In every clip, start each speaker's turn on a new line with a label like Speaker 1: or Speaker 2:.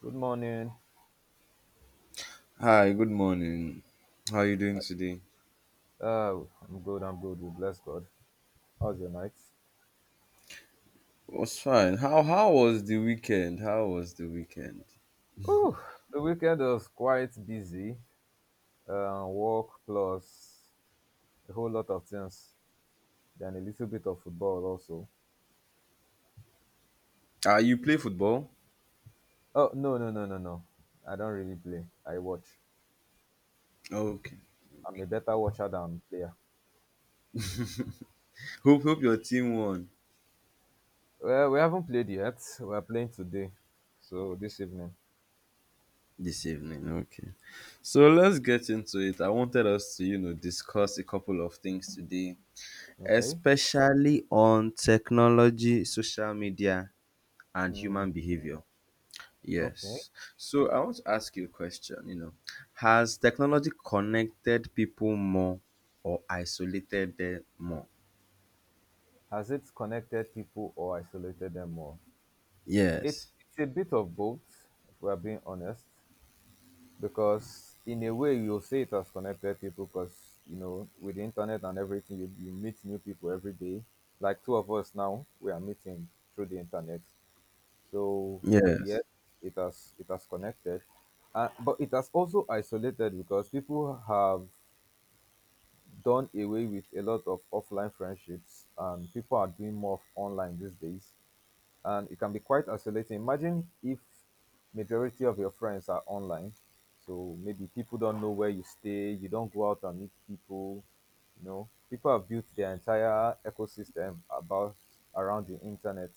Speaker 1: Good morning.
Speaker 2: Hi, good morning. How are you doing today?
Speaker 1: Uh, I'm good. I'm good. We bless God. How's your night?
Speaker 2: Was fine. How was the weekend? How was the weekend?
Speaker 1: Ooh, the weekend was quite busy. Work plus a whole lot of things. Then a little bit of football also.
Speaker 2: Ah, you play football?
Speaker 1: Oh, no, no, no, no, no! I don't really play. I watch.
Speaker 2: Okay.
Speaker 1: I'm a better watcher than player.
Speaker 2: Hope your team won
Speaker 1: Well, we haven't played yet. We are playing today, so this evening.
Speaker 2: this evening. Okay. So let's get into it. I wanted us to, you know, discuss a couple of things today,
Speaker 1: Okay.
Speaker 2: especially on technology, social media, and
Speaker 1: Mm,
Speaker 2: human behavior.
Speaker 1: okay.
Speaker 2: Yes. So I want to ask you a question, you know, has technology connected people more or isolated them more?
Speaker 1: Has it connected people or isolated them more? It's
Speaker 2: Yes.
Speaker 1: it's a bit of both, if we are being honest, because in a way you'll say it has connected people because you know with the internet and everything you meet new people every day. Like two of us now, we are meeting through the internet. So yes,
Speaker 2: Yes.
Speaker 1: it has connected, but it has also isolated because people have done away with a lot of offline friendships and people are doing more of online these days and it can be quite isolating. Imagine if majority of your friends are online, so maybe people don't know where you stay, you don't go out and meet people. You know, people have built their entire ecosystem about around the internet.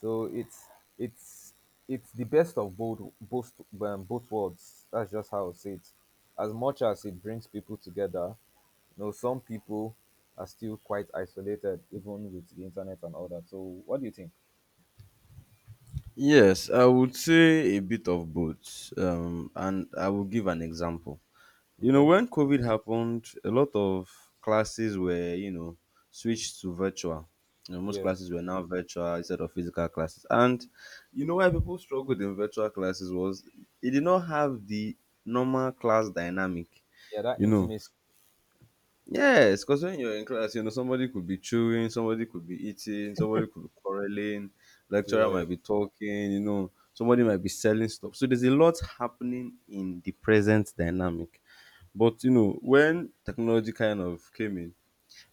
Speaker 1: So it's it's the best of both both worlds. That's just how I say it. As much as it brings people together, you know, some people are still quite isolated even with the internet and all that. So what do you think?
Speaker 2: Yes, I would say a bit of both. And I will give an example. You know,
Speaker 1: Okay.
Speaker 2: when COVID happened, a lot of classes were, you know, switched to virtual. You know, most
Speaker 1: Yeah,
Speaker 2: classes were now virtual instead of physical classes. And you know why people struggled in virtual classes was it did not have the normal class dynamic.
Speaker 1: yeah, that
Speaker 2: You know,
Speaker 1: intimacy.
Speaker 2: yes, because when you're in class, you know, somebody could be chewing, somebody could be eating, somebody could be quarreling, lecturer
Speaker 1: Yeah,
Speaker 2: might be talking, you know, somebody might be selling stuff. So there's a lot happening in the present dynamic. But you know, when technology kind of came in,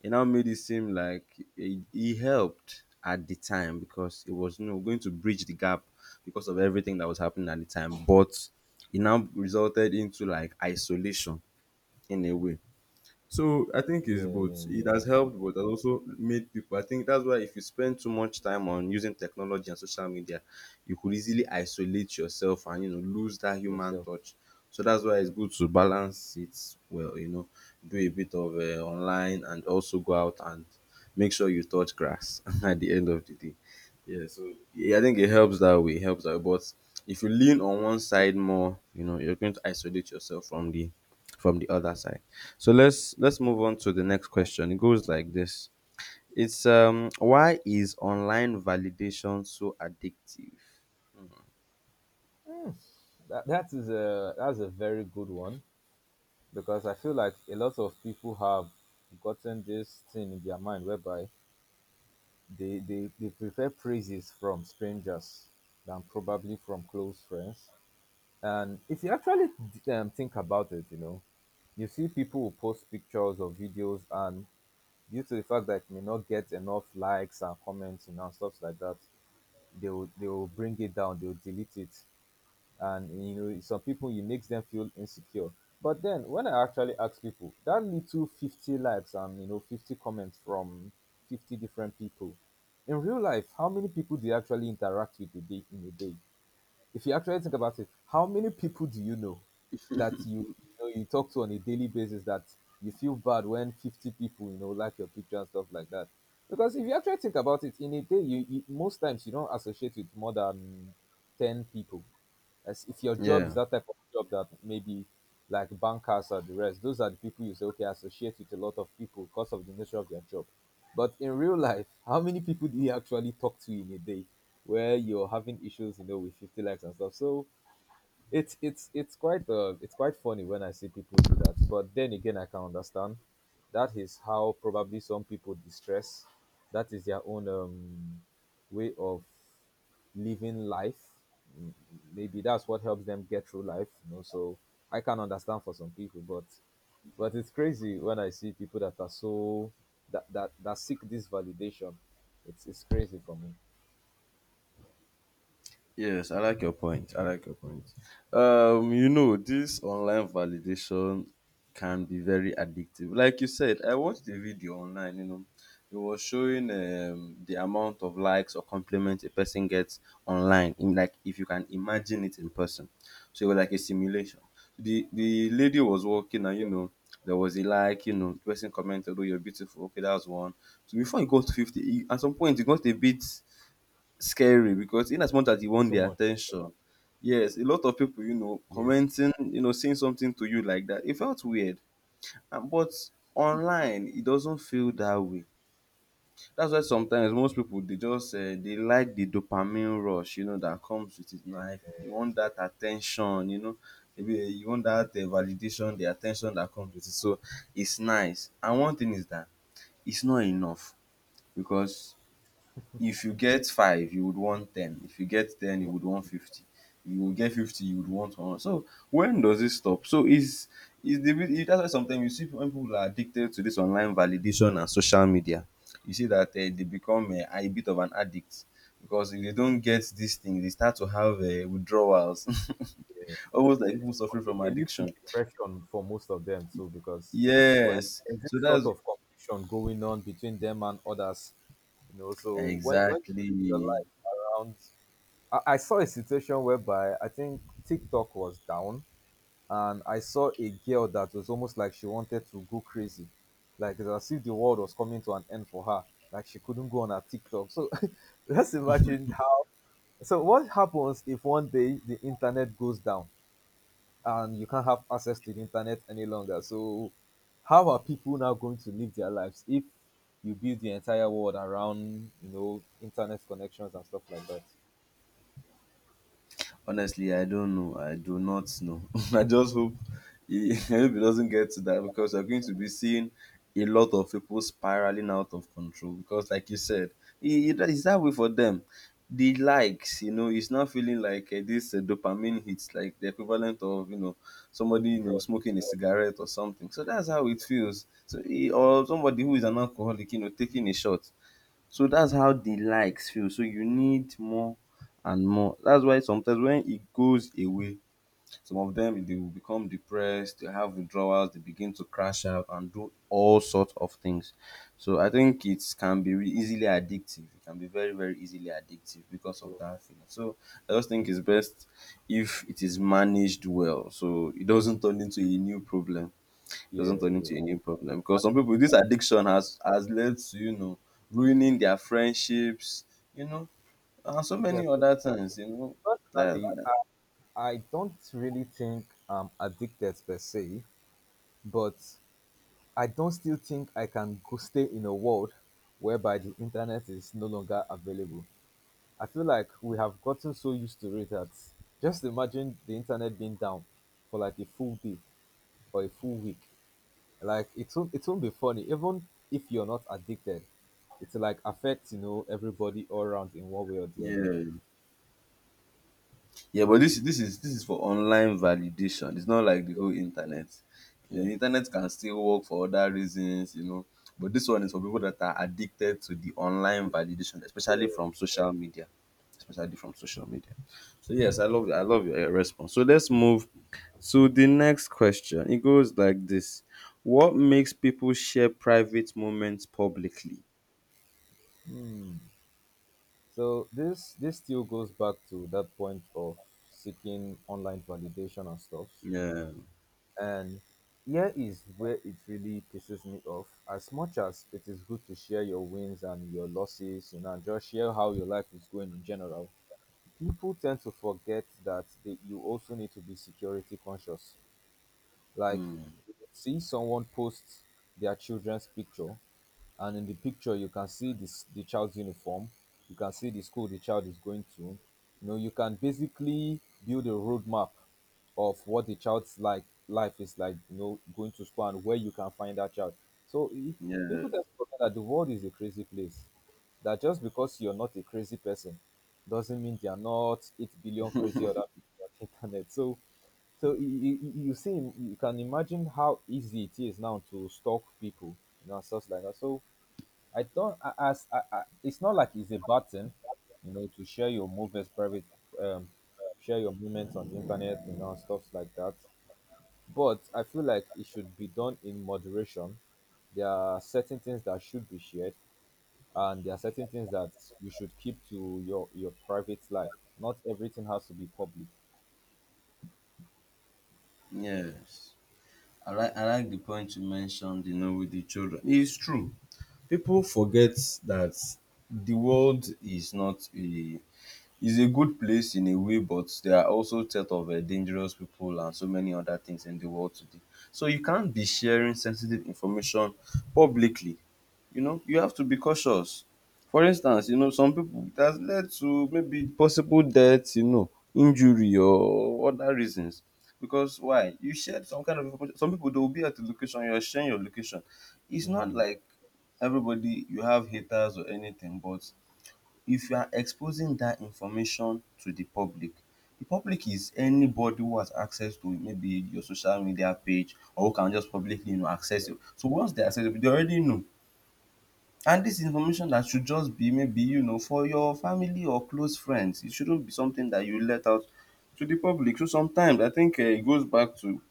Speaker 2: it now made it seem like it helped at the time because it was, you know, going to bridge the gap because of everything that was happening at the time. But it now resulted into like isolation in a way, so I think it's
Speaker 1: yeah, yeah,
Speaker 2: both.
Speaker 1: yeah.
Speaker 2: It has
Speaker 1: That's true.
Speaker 2: helped, but it has also made people. I think that's why if you spend too much time on using technology and social media, you could easily isolate yourself and, you know, lose that human
Speaker 1: Yourself.
Speaker 2: touch. So that's why it's good to balance it well. You know, do a bit of online and also go out and make sure you touch grass at the end of the day. Yeah, so yeah, I think it helps that way. Helps that way. But if you lean on one
Speaker 1: Yeah,
Speaker 2: side more, you know, you're going to isolate yourself from the other side. So let's move on to the next
Speaker 1: that's
Speaker 2: question. It goes like this. It's why is online validation so addictive?
Speaker 1: Hmm. That's a very good one because I feel like a lot of people have gotten this thing in their mind whereby they prefer praises from strangers than probably from close friends. And if you actually think about it, you know, you see people who post pictures or videos and due to the fact that it may not get enough likes and commenting and stuff like that, they will bring it down, they will delete it, and you know some people it makes them feel insecure. But then when I actually ask people, that little 50 likes and 50 comments from 50 different people, in real life, how many people do you actually interact with a day in a day? If you actually think about it, how many people do you know that you talk to on a daily basis that you feel bad when 50 people, you know, like your picture and stuff like that? Because if you actually think about it, in a day, you most times you don't associate with more than 10 people as if your job is
Speaker 2: Yeah.
Speaker 1: that type of job that maybe like bankers or the rest, those are the people you say, okay, I associate with a lot of people because of the nature of their job. But in real life, how many people do you actually talk to in a day where you're having issues, you know, with 50 likes and stuff? So it's quite it's quite funny when I see people do that. But then again, I can understand that is how probably some people distress. That is their own way of living life. M- Maybe that's what helps them get through life. You know, so I can understand for some people, but it's crazy when I see people that are so that that seek this validation. It's crazy for me.
Speaker 2: Yes, I like your point. I like your point. You know, this online validation can be very addictive. Like you said, I watched the video online, you know, it was showing the amount of likes or compliments a person gets online, in like if you can imagine it in person. So it was like a simulation. The lady was walking and, you know, there was a like, you know, the person commented, "Oh, you're beautiful." Okay, that was one. So before it got to 50, at some point it got a bit scary because in as much as you want
Speaker 1: So
Speaker 2: their
Speaker 1: much.
Speaker 2: attention, yes, a lot of people, you know,
Speaker 1: Yes.
Speaker 2: commenting, you know, saying something to you like that, it felt weird. And, but online, it doesn't feel that way. That's why sometimes most people they just they like the dopamine rush, you know, that comes with it. Like you want that attention, you know, maybe you want that validation, the attention that comes with it. So it's nice. And one thing is that it's not enough, because if you get five you would want 10, if you get 10 you would want 50, if you get 50 you would want one. So when does it stop? So is the real that's why sometimes you see when people are addicted to this online validation and social media, you see that they become a bit of an addict, because if they don't get this thing they start to have withdrawals almost
Speaker 1: It,
Speaker 2: like
Speaker 1: is-
Speaker 2: people suffering from
Speaker 1: it leads to
Speaker 2: addiction.
Speaker 1: depression for most of them too, because when
Speaker 2: Yes,
Speaker 1: there's this
Speaker 2: so
Speaker 1: sort
Speaker 2: that's
Speaker 1: of competition going on between them and others, you know, so when you
Speaker 2: exactly.
Speaker 1: live your life around, I saw a situation whereby I think TikTok was down, and I saw a girl that was almost like she wanted to go crazy, like it's as if the world was coming to an end for her, like she couldn't go on her TikTok. So let's imagine how. So what happens if one day the internet goes down? And you can't have access to the internet any longer. So, how are people now going to live their lives if you build the entire world around you know internet connections and stuff like that?
Speaker 2: Honestly, I don't know. I do not know. I just hope I hope he doesn't get to that, because we're going to be seeing a lot of people spiraling out of control. Because, like you said, it's that way for them. The likes, you know, it's not feeling like this dopamine hits, like the equivalent of, you know, somebody, you know,
Speaker 1: Drugs,
Speaker 2: smoking a cigarette or something. So
Speaker 1: yeah.
Speaker 2: that's how it feels. So, or somebody who is an alcoholic, you know, taking a shot. So that's how the likes feel. So you need more and more. That's why sometimes when it goes away, some of them they will become depressed, they have withdrawals, they begin to crash out and do all sorts of things. So I think it can be easily addictive. It can be very, very easily addictive because of
Speaker 1: So,
Speaker 2: that feeling. So I just think it's best if it is managed well so it doesn't turn into a new problem. Doesn't
Speaker 1: yeah,
Speaker 2: turn
Speaker 1: yeah.
Speaker 2: into a new problem, because some people this addiction has led to, you know, ruining their friendships, you know, and so
Speaker 1: Yeah,
Speaker 2: many
Speaker 1: so
Speaker 2: other things, you know. That,
Speaker 1: personally,
Speaker 2: that
Speaker 1: I don't really think I'm addicted per se, but I don't still think I can go stay in a world whereby the internet is no longer available. I feel like we have gotten so used to it that just imagine the internet being down for like a full day or a full week. Like it won't be funny. Even if you're not addicted, it's like affects, you know, everybody all around in one way or the other.
Speaker 2: Yeah. Yeah, but this is for online validation. It's not like the whole internet. You know,
Speaker 1: Yeah.
Speaker 2: the internet can still work for other reasons, you know. But this one is for people that are addicted to the online validation, especially from social media. Especially from social media. So yes, I love your response. So let's move to the next question. It goes like this. What makes people share private moments publicly?
Speaker 1: Hmm. So this still goes back to that point of seeking online validation and stuff.
Speaker 2: Yeah.
Speaker 1: And here is where it really pisses me off. As much as it is good to share your wins and your losses, you know, and just share how your life is going in general, people tend to forget that you also need to be security conscious. Like, see someone post their children's picture, and in the picture you can see this the child's uniform, you can see the school the child is going to. You know, you can basically build a roadmap of what the child's like life is like. You know, going to school and where you can find that child. So i- People
Speaker 2: Yeah.
Speaker 1: just forget that the world is a crazy place. That just because you're not a crazy person doesn't mean they are not 8 billion crazy other people on the internet. So so you see, you can imagine how easy it is now to stalk people, you know, and stuff like that. So I don't, I- as I, it's not like it's a button, you know, to share your movies private, um, share your moments on the internet, you know, and stuff like that. But I feel like it should be done in moderation. There are certain things that should be shared, and there are certain things that you should keep to your private life. Not everything has to be public.
Speaker 2: Yes. I like the point you mentioned, you know, with the children. It's true. People forget that the world is not a is a good place in a way, but there are also set of dangerous people and so many other things in the world today. So you can't be sharing sensitive information publicly, you know, you have to be cautious. For instance, you know, some people it has led to maybe possible death, you know, injury or other reasons. Because why? You shared some kind of information. Some people they will be at the location, you're sharing your location. It's not
Speaker 1: Mm,
Speaker 2: like everybody you have haters or anything, but if you are exposing that information to the public is anybody who has access to maybe your social media page or who can just publicly, you know, access
Speaker 1: yeah,
Speaker 2: you. So once they access it, they already know. And this information that should just be maybe, you know, for your family or close friends. It shouldn't be something that you let out to the public. So sometimes I think it goes back to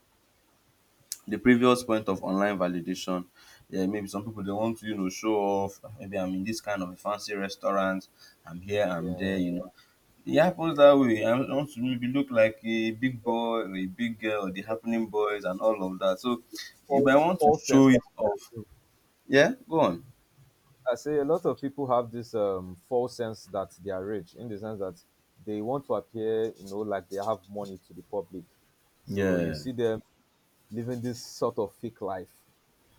Speaker 2: the previous point of online validation. Yeah, maybe some people they want to, you know, show off. Maybe I'm in this kind of a fancy restaurant. I'm here, I'm there,
Speaker 1: yeah,
Speaker 2: you know. It happens that way. I want to maybe look like a big boy or a big girl or the happening boys and all of that. So if
Speaker 1: false
Speaker 2: I want to
Speaker 1: false sense
Speaker 2: show
Speaker 1: of
Speaker 2: it off,
Speaker 1: the look.
Speaker 2: yeah, go on.
Speaker 1: I say a lot of people have this false sense that they are rich in the sense that they want to appear, you know, like they have money to the public. So you
Speaker 2: Yeah.
Speaker 1: see them living this sort of fake life.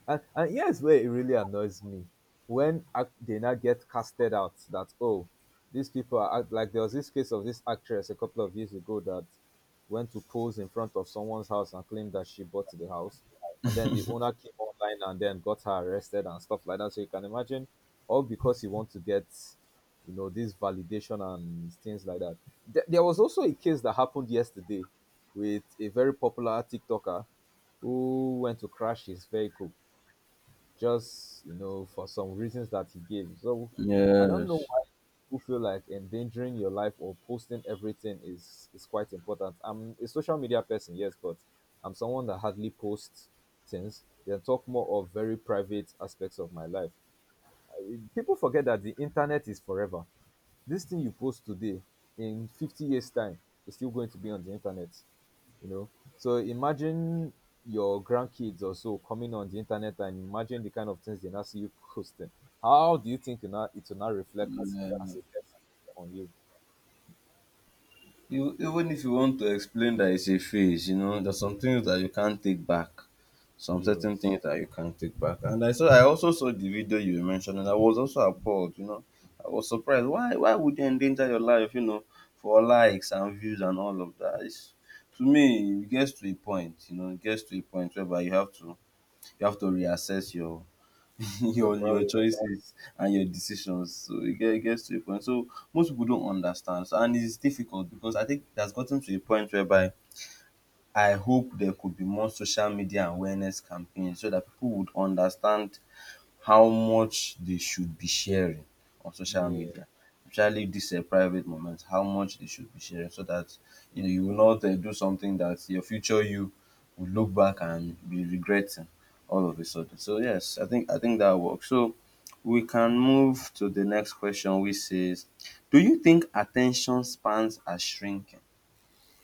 Speaker 1: And here's where it really annoys me when they now get casted out that, oh, these people are act like there was this case of this actress a couple of years ago that went to pose in front of someone's house and claimed that she bought the house. And then the owner came online and then got her arrested and stuff like that. So you can imagine all because you want to get, you know, this validation and things like that. There was also a case that happened yesterday with a very popular TikToker who went to crash his vehicle just you know for some reasons that he gave. So I don't know
Speaker 2: Yes.
Speaker 1: why people feel like endangering your life or posting everything is quite important. I'm a social media person, yes, but I'm someone that hardly posts things. Then talk more of very private aspects of my life. People forget that the internet is forever. This thing you post today in 50 years time is still going to be on the internet, you know. So imagine your grandkids or so coming on the internet and imagine the kind of things they now see you posting. How do you think it will now reflect
Speaker 2: Yeah.
Speaker 1: as a person on you?
Speaker 2: You, even if you want to explain that it's a phase, you know, there's some things that you can't take back. Some certain
Speaker 1: Yes,
Speaker 2: things that you can't take back. And I also saw the video you mentioned and I was also appalled, you know. I was surprised. Why would you endanger your life, you know, for likes and views and all of that? It's, to me, it gets to a point, you know, it gets to a point whereby you have to reassess your
Speaker 1: your
Speaker 2: your
Speaker 1: priority.
Speaker 2: choices and your decisions. So it gets to a point. So most people don't understand, so, and it's difficult because I think that's gotten to a point whereby I hope there could be more social media awareness campaigns so that people would understand how much they should be sharing on social
Speaker 1: Yeah,
Speaker 2: media, especially this private moment, how much they should be sharing, so that, you know, you will not do something that your future you will look back and be regretting all of a sudden. So yes, I think that works. So we can move to the next question, which says, do you think attention spans are shrinking?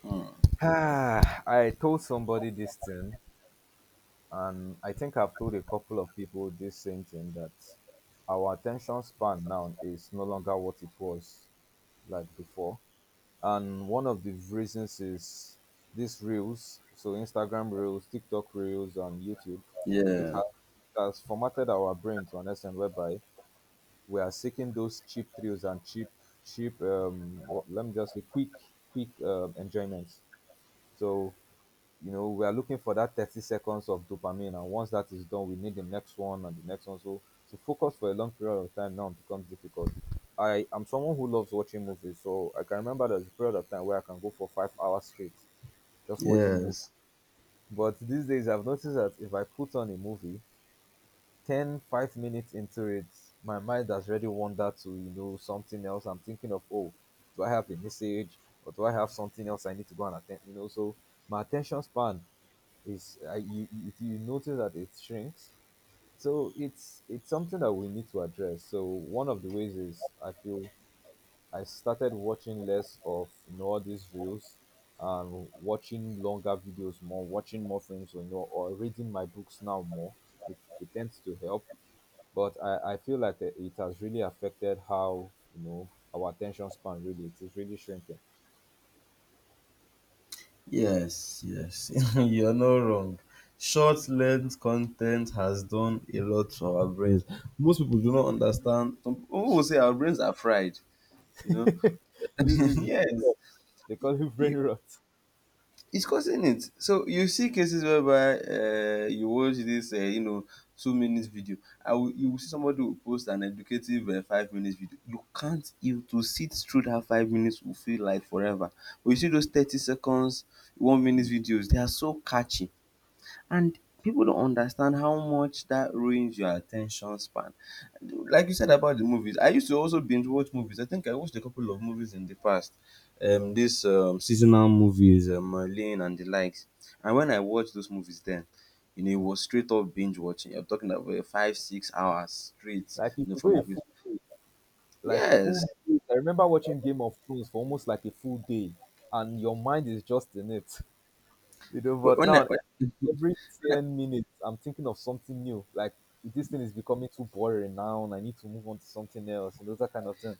Speaker 2: Hmm.
Speaker 1: ah, I told somebody this thing and I think I've told a couple of people this same thing that our attention span now is no longer what it was like before. And one of the reasons is these reels, so Instagram reels, TikTok reels, and YouTube. It
Speaker 2: Yeah,
Speaker 1: has formatted our brain to an extent whereby we are seeking those cheap thrills and cheap what, let me just say quick enjoyments. So you know, we are looking for that 30 seconds of dopamine. And once that is done, we need the next one and the next one. So to focus for a long period of time now becomes difficult. I am someone who loves watching movies. So I can remember there's a period of time where I can go for 5 hours straight just watching movies.
Speaker 2: yes.
Speaker 1: But these days, I've noticed that if I put on a movie, 10 5 minutes into it, my mind has already wandered to, you know, something else. I'm thinking of, oh, do I have a message or do I have something else I need to go and attend? So my attention span is you notice that it shrinks. So it's something that we need to address. So one of the ways is, I feel, I started watching less of all these reels, and watching longer videos more, watching more films or you know or reading my books now more. It tends to help, but I feel like that it has really affected how, our attention span, really, it is really shrinking.
Speaker 2: Yes, yes, you're not wrong. Short length content has done a lot to our brains. Most people do not understand. Some people will say our brains are fried, you know.
Speaker 1: This is brain
Speaker 2: Yes,
Speaker 1: rot. They call it brain
Speaker 2: you,
Speaker 1: rot.
Speaker 2: it's causing it. So you see cases whereby you watch this, you know, 2 minutes video. You will see somebody will post an educative 5 minutes video. You can't you to sit through that 5 minutes will feel like forever. But you see those 30 seconds, 1 minute videos. They are so catchy. And people don't understand how much that ruins your attention span. Like you said about the movies, I used to also binge watch movies. I think I watched a couple of movies in the past. These seasonal movies, Merlin and the likes. And when I watched those movies then, you know, it was straight up binge watching. You're talking about five, 6 hours straight,
Speaker 1: Like, if
Speaker 2: you know,
Speaker 1: you
Speaker 2: from
Speaker 1: go a
Speaker 2: movies.
Speaker 1: full, like,
Speaker 2: Yes.
Speaker 1: full days. I remember watching Game of Thrones for almost like a full day, and your mind is just in it, you know.
Speaker 2: Wh-
Speaker 1: But
Speaker 2: When I,
Speaker 1: now,
Speaker 2: when,
Speaker 1: every
Speaker 2: when I-
Speaker 1: 10 minutes, I'm thinking of something new. Like, this thing is becoming too boring now, and I need to move on to something else, and, that kind of thing.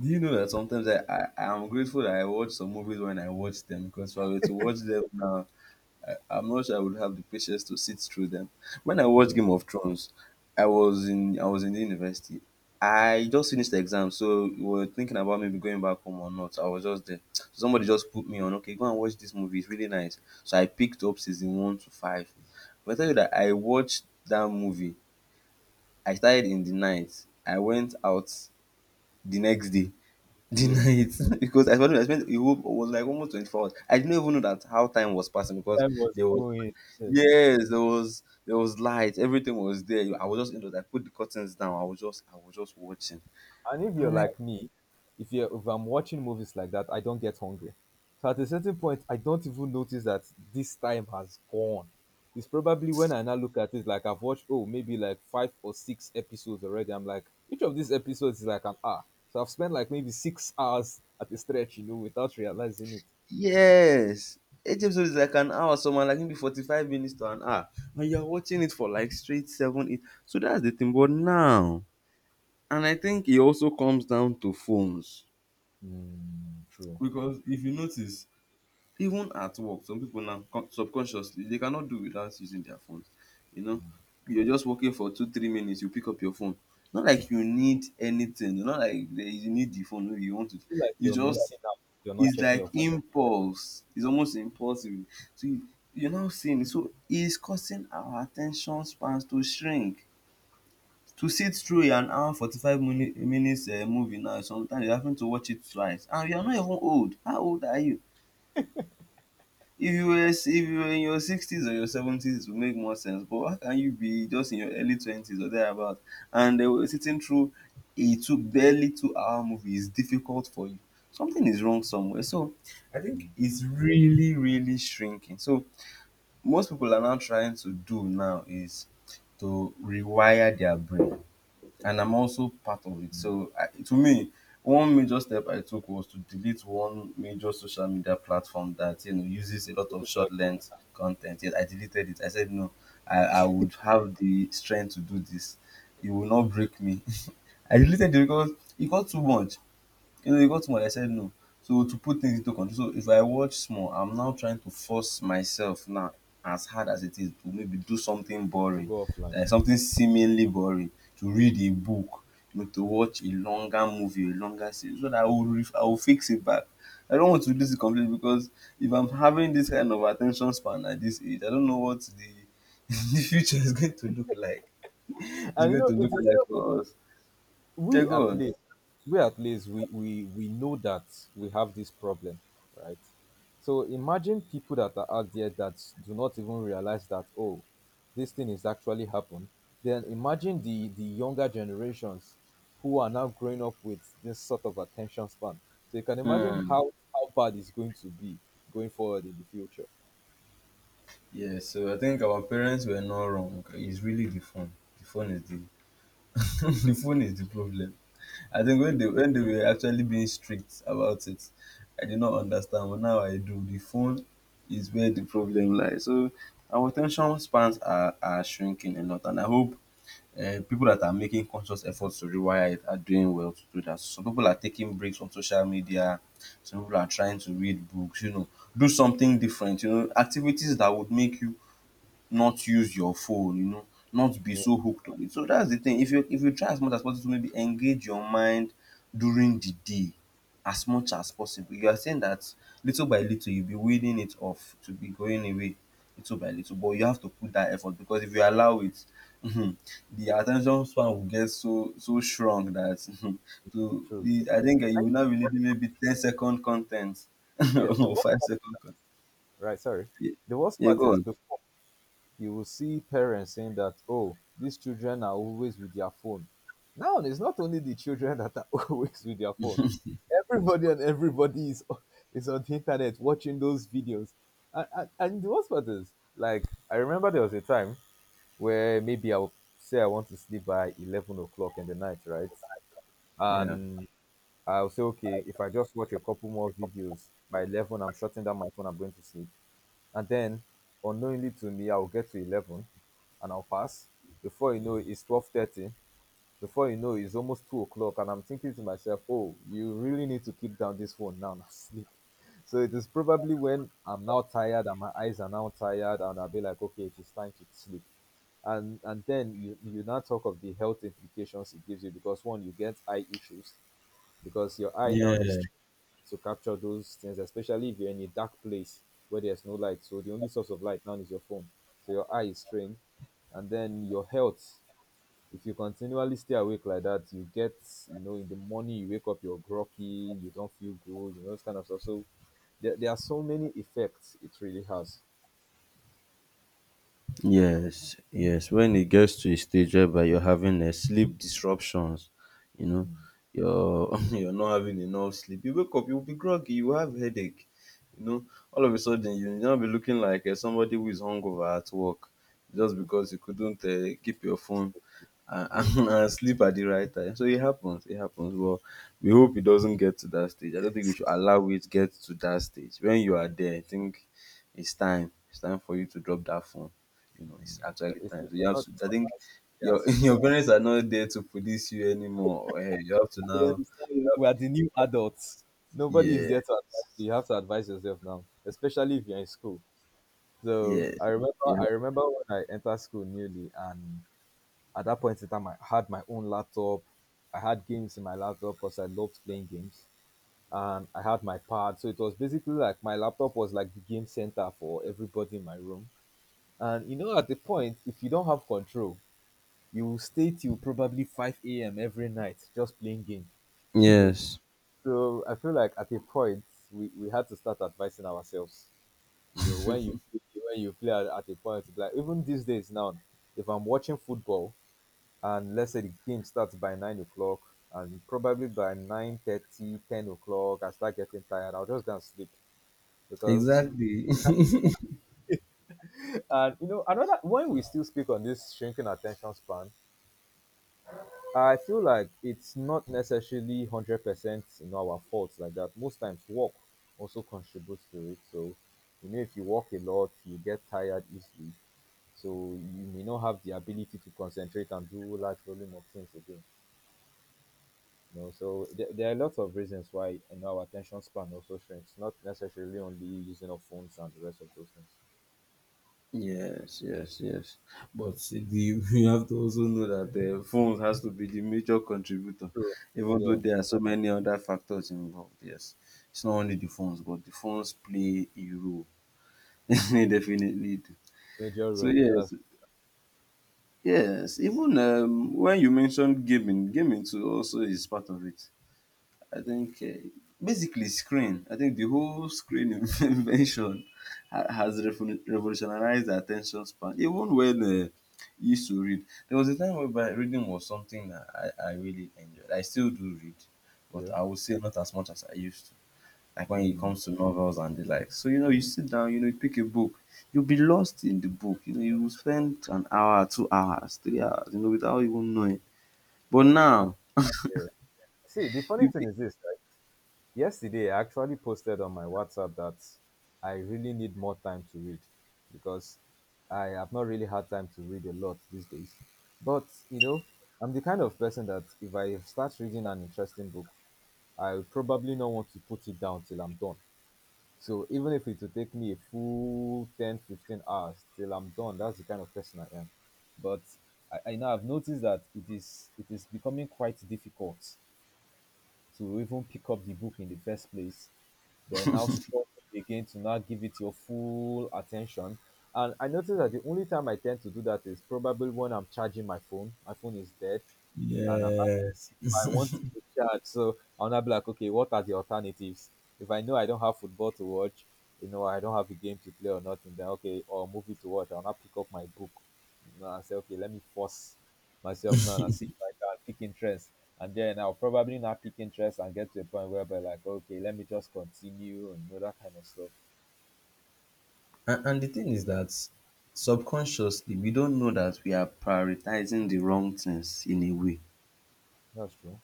Speaker 2: Do you know that sometimes I am grateful that I watch some movies when I watch them, because if I were to watch them now, I'm not sure I would have the patience to sit through them. When I watched
Speaker 1: Yeah,
Speaker 2: Game of Thrones, I was in the university. I just finished the exam, so we were thinking about maybe going back home or not. I was just there. So somebody just put me on, okay, go and watch this movie. It's really nice. So I picked up season one to five. But I tell you that I watched that movie. I started in the night. I went out the next day. The
Speaker 1: yeah.
Speaker 2: night because I spent a whole, was like almost 24 hours. I didn't even know that how time was passing because
Speaker 1: Time was
Speaker 2: there was
Speaker 1: going. Yes.
Speaker 2: yes, there was light, everything was there. I was just indoors. I put the curtains down. I was just watching.
Speaker 1: And if you're
Speaker 2: I'm like,
Speaker 1: like me, if I'm watching movies like that, I don't get hungry. So at a certain point, I don't even notice that this time has gone. It's probably when I now look at it, like I've watched, oh, maybe like five or six episodes already. I'm like, each of these episodes is like an hour, so I've spent like maybe 6 hours at a stretch, without realizing it.
Speaker 2: yes. Each episode is like an hour, so man, like maybe 45 minutes to an hour. And you're watching it for like straight seven, eight. So that's the thing. But now, and I think it also comes down to phones.
Speaker 1: Mm, true.
Speaker 2: Because if you notice, even at work, some people now subconsciously they cannot do without using their phones. You know, you're just working for two, 3 minutes, you pick up your phone. Not like you need anything, not like you need the phone, no, you want it.
Speaker 1: I feel like
Speaker 2: You
Speaker 1: you're
Speaker 2: just,
Speaker 1: missing out. You're not
Speaker 2: it's
Speaker 1: checking
Speaker 2: like
Speaker 1: your phone.
Speaker 2: impulse. It's almost impulsive. So you, you're now seeing, so it's causing our attention spans to shrink. To sit through an hour forty-five minutes movie now, sometimes you having to watch it twice, and you are not even old. How old are you? If you were in your sixties or your seventies, it would make more sense. But how can you be just in your early twenties or thereabout, and they were sitting through a 2 hour movie is difficult for you? Something is wrong somewhere. So I think it's really really shrinking. So most people are now trying to do now is to rewire their brain, and I'm also part of it.
Speaker 1: Mm.
Speaker 2: So to me, one major step I took was to delete one major social media platform that, you know, uses a lot
Speaker 1: Which
Speaker 2: of
Speaker 1: is,
Speaker 2: short length content. Yet I deleted it. I said no, I would have the strength to do this. It will not break me. I deleted it because it got too much. You know, it got small. I said no. So to put things into control, so if I watch small, I'm now trying to force myself now, as hard as it is, to maybe do something
Speaker 1: to
Speaker 2: boring,
Speaker 1: go offline.
Speaker 2: like something seemingly boring, to read a book, you know, to watch a longer movie, a longer series, so that
Speaker 1: Yeah.
Speaker 2: I will fix it back. I don't want to lose it completely, because if I'm having this kind of attention span at this age, I don't know what the the future is going to look like. It's
Speaker 1: And,
Speaker 2: going to look
Speaker 1: it is,
Speaker 2: like for us. Yeah,
Speaker 1: we
Speaker 2: go
Speaker 1: at
Speaker 2: on.
Speaker 1: least we know that we have this problem, right? So imagine people that are out there that do not even realize that, oh, this thing is actually happened. Then imagine the younger generations who are now growing up with this sort of attention span. So you can imagine
Speaker 2: Hmm.
Speaker 1: how bad it's going to be going forward in the future.
Speaker 2: Yeah, so I think our parents were not wrong. It's really the phone. The phone is the the phone is the problem. I think when they were actually being strict about it, I did not understand. But now I do. The phone is where the problem lies. So our attention spans are shrinking a lot, and I hope people that are making conscious efforts to rewire it are doing well to do that. Some people are taking breaks from social media. Some people are trying to read books. You know, do something different. You know, activities that would make you not use your phone, you know, not be
Speaker 1: Yeah,
Speaker 2: so hooked on it. So that's the thing. If you try as much as possible to maybe engage your mind during the day as much as possible, you are saying that little by little, you'll be weaning it off, to be going away little by little. But you have to put that effort, because if you allow it, the attention span will get so so shrunk that, to
Speaker 1: true, true,
Speaker 2: I
Speaker 1: true.
Speaker 2: think
Speaker 1: I
Speaker 2: you
Speaker 1: think
Speaker 2: will not
Speaker 1: the
Speaker 2: be
Speaker 1: worst
Speaker 2: needing
Speaker 1: part-
Speaker 2: maybe ten second content
Speaker 1: Yeah, the
Speaker 2: or
Speaker 1: worst
Speaker 2: five
Speaker 1: part,
Speaker 2: second content.
Speaker 1: right, sorry,
Speaker 2: Yeah,
Speaker 1: the worst
Speaker 2: yeah
Speaker 1: part
Speaker 2: go
Speaker 1: is,
Speaker 2: on.
Speaker 1: before you will see parents saying that, oh, these children are always with their phone. Now, it's not only the children that are always with their phone. Everybody and everybody is on the internet watching those videos. And the worst part is, like, I remember there was a time where maybe I'll say I want to sleep by 11 o'clock in the night, right?
Speaker 2: Yeah.
Speaker 1: And I'll say, okay, if I just watch a couple more videos, by 11, I'm shutting down my phone, I'm going to sleep. And then, unknowingly to me, I'll get to 11 and I'll pass. Before you know it, it's 12:30. Before you know it, it's almost 2 o'clock. And I'm thinking to myself, oh, you really need to keep down this phone now and sleep. So it is probably when I'm now tired and my eyes are now tired, and I'll be like, okay, it is time to sleep. And then you now talk of the health implications it gives you, because, one, you get eye issues because your eye now
Speaker 2: Yeah.
Speaker 1: needs to capture those things, especially if you're in a dark place where there's no light. So the only source of light now is your phone. So your eye is trained, and then your health. If you continually stay awake like that, you get, in the morning, you wake up, you're groggy, you don't feel good, this kind of stuff. So there are so many effects it really has.
Speaker 2: Yes, yes. When it gets to a stage whereby you're having a sleep disruptions, you know, you're you're not having enough sleep. You wake up, you'll be groggy, you have headache, you know. All of a sudden, you now be looking like somebody who is hungover at work, just because you couldn't keep your phone
Speaker 1: Yeah.
Speaker 2: and, and, sleep at the right time. So it happens, it happens. Well, we hope it doesn't get to that stage. I don't think we should allow it to get to that stage. When you are there, I think it's time. It's time for you to drop that phone, you know, it's
Speaker 1: But
Speaker 2: actually
Speaker 1: it's not,
Speaker 2: time. So you
Speaker 1: it's
Speaker 2: have
Speaker 1: not,
Speaker 2: to.
Speaker 1: it's
Speaker 2: I
Speaker 1: not
Speaker 2: think
Speaker 1: as,
Speaker 2: your
Speaker 1: yes,
Speaker 2: your parents are not there to police you anymore. Eh, you have to
Speaker 1: they
Speaker 2: now.
Speaker 1: understand you. We are the new adults. Nobody is
Speaker 2: Yeah.
Speaker 1: there to advise you. You have to advise yourself now, especially if you're in school. So
Speaker 2: Yes. Yeah.
Speaker 1: I remember when I entered school newly, and at that point in time, I had my own laptop. I had games in my laptop because I loved playing games, and I had my pad. So it was basically like my laptop was like the game center for everybody in my room. And, at the point, if you don't have control, you will stay till probably 5 a.m. every night just playing game. You know.
Speaker 2: Yes.
Speaker 1: So I feel like at a point we had to start advising ourselves. When you play at a point, like even these days now, if I'm watching football and let's say the game starts by 9 o'clock and probably by nine thirty ten o'clock, I start getting tired, I'll just go and sleep because
Speaker 2: Exactly.
Speaker 1: and, another, when we still speak on this shrinking attention span, I feel like it's not necessarily 100%, our fault like that. Most times work also contributes to it. So, if you work a lot, you get tired easily. So you may not have the ability to concentrate and do large volume of things again. So there are lots of reasons why, our attention span also shrinks. Not necessarily only using of phones and the rest of those things.
Speaker 2: Yes, yes, yes. But you have to also know that the phones has to be the major contributor,
Speaker 1: True.
Speaker 2: even though
Speaker 1: Yeah,
Speaker 2: there are so many other factors involved. Yes, it's not only the phones, but the phones play a role. they definitely do.
Speaker 1: major
Speaker 2: So
Speaker 1: role.
Speaker 2: yes,
Speaker 1: That's
Speaker 2: yes, even when you mentioned gaming, gaming too also is part of it. I think basically screen. I think the whole screen invention revolutionized the attention span. Even when you used to read, there was a time whereby reading was something that I really enjoyed. I still do read, but
Speaker 1: yeah.
Speaker 2: I would say not as much as I used to, like when it
Speaker 1: Mm.
Speaker 2: comes to novels and the like. So you know, you sit down, you know, you pick a book, you'll be lost in the book. You know, you will spend an hour, 2 hours, 3 hours, you know, without even knowing. But
Speaker 1: And,
Speaker 2: now
Speaker 1: uh, see, the funny
Speaker 2: you
Speaker 1: thing
Speaker 2: pick.
Speaker 1: is this, right? Yesterday, I actually posted on my WhatsApp that I really need more time to read because I have not really had time to read a lot these days. But, you know, I'm the kind of person that if I start reading an interesting book, I will probably not want to put it down till I'm done. So even if it will take me a full 10, 15 hours till I'm done, that's the kind of person I am. But I now have noticed that it is becoming quite difficult to even pick up the book in the first place. Then now struggle again to now give it your full attention. And I noticed that the only time I tend to do that is probably when I'm charging my phone. My phone is dead and
Speaker 2: Yes.
Speaker 1: I want to charge. So I'll not be like, okay, what are the alternatives? If I know I don't have football to watch, I don't have a game to play or nothing, then okay, or movie to watch, I'll not pick up my book. I say, okay, let me force myself now and see if I can pick interest. And then I'll probably not pick interest and get to a point where I'll be like, okay, let me just continue, and, that kind of stuff.
Speaker 2: And the thing is that subconsciously we don't know that we are prioritizing the wrong things in a way.
Speaker 1: That's true.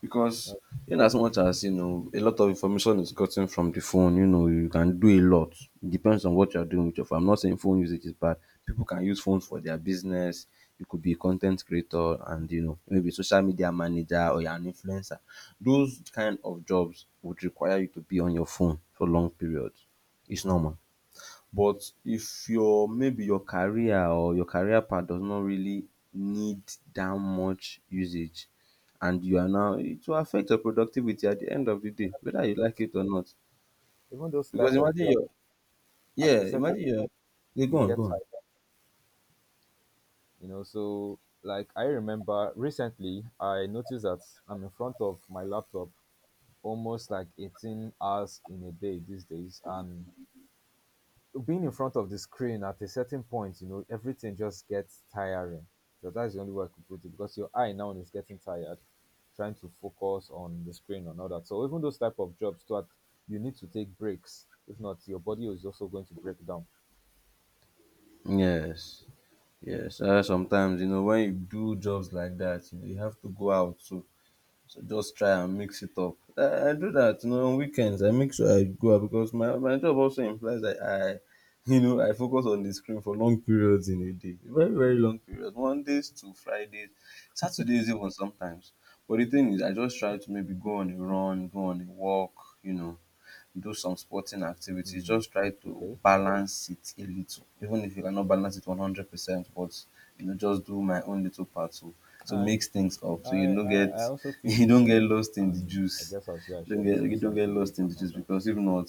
Speaker 2: Because
Speaker 1: That's
Speaker 2: in as much as, you know, a lot of information is gotten from the phone, you know, you can do a lot. It depends on what you are doing with your phone. I'm not saying phone usage is bad. People can use phones for their business. You could be a content creator, and you know, maybe social media manager, or you're an influencer. Those kind of jobs would require you to be on your phone for long periods. It's normal. But if your, maybe your career or your career path does not really need that much usage, and you are now, it will affect your productivity at the end of the day, whether you
Speaker 1: true.
Speaker 2: like it or not.
Speaker 1: Even those
Speaker 2: Because
Speaker 1: type of
Speaker 2: imagine
Speaker 1: jobs,
Speaker 2: your,
Speaker 1: at
Speaker 2: yeah,
Speaker 1: a certain,
Speaker 2: imagine your, yeah, go
Speaker 1: you
Speaker 2: on,
Speaker 1: get
Speaker 2: go on.
Speaker 1: tired, so like, I remember recently I noticed that I'm in front of my laptop almost like 18 hours in a day these days, and being in front of the screen at a certain point, everything just gets tiring. So that's the only way I could put it, because your eye now is getting tired, trying to focus on the screen and all that. So even those type of jobs too, you need to take breaks, if not your body is also going to break down.
Speaker 2: Yes, yes. Sometimes you know when you do jobs like that, you have to go out. So just try and mix it up. I do that, you know, on weekends. I make sure I go out, because my job also implies that I, you know, I focus on the screen for long periods in a day. Very, very long periods. Mondays to Fridays, Saturdays even sometimes. But the thing is, I just try to maybe go on a run, go on a walk, you know, do some sporting activities,
Speaker 1: Mm.
Speaker 2: just try to
Speaker 1: Okay.
Speaker 2: balance it a little, even if you cannot balance it 100%, but you know, just do my own little part to
Speaker 1: All right,
Speaker 2: mix things up, so you don't
Speaker 1: I
Speaker 2: get
Speaker 1: also feel
Speaker 2: you
Speaker 1: the
Speaker 2: don't get
Speaker 1: same,
Speaker 2: lost in the
Speaker 1: and I
Speaker 2: juice.
Speaker 1: guess I'll say I
Speaker 2: Don't
Speaker 1: share the
Speaker 2: get,
Speaker 1: same
Speaker 2: you don't get lost
Speaker 1: sentiments
Speaker 2: in
Speaker 1: and
Speaker 2: the
Speaker 1: all
Speaker 2: juice,
Speaker 1: that.
Speaker 2: because if not,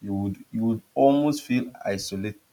Speaker 2: you would, you would almost feel isolated.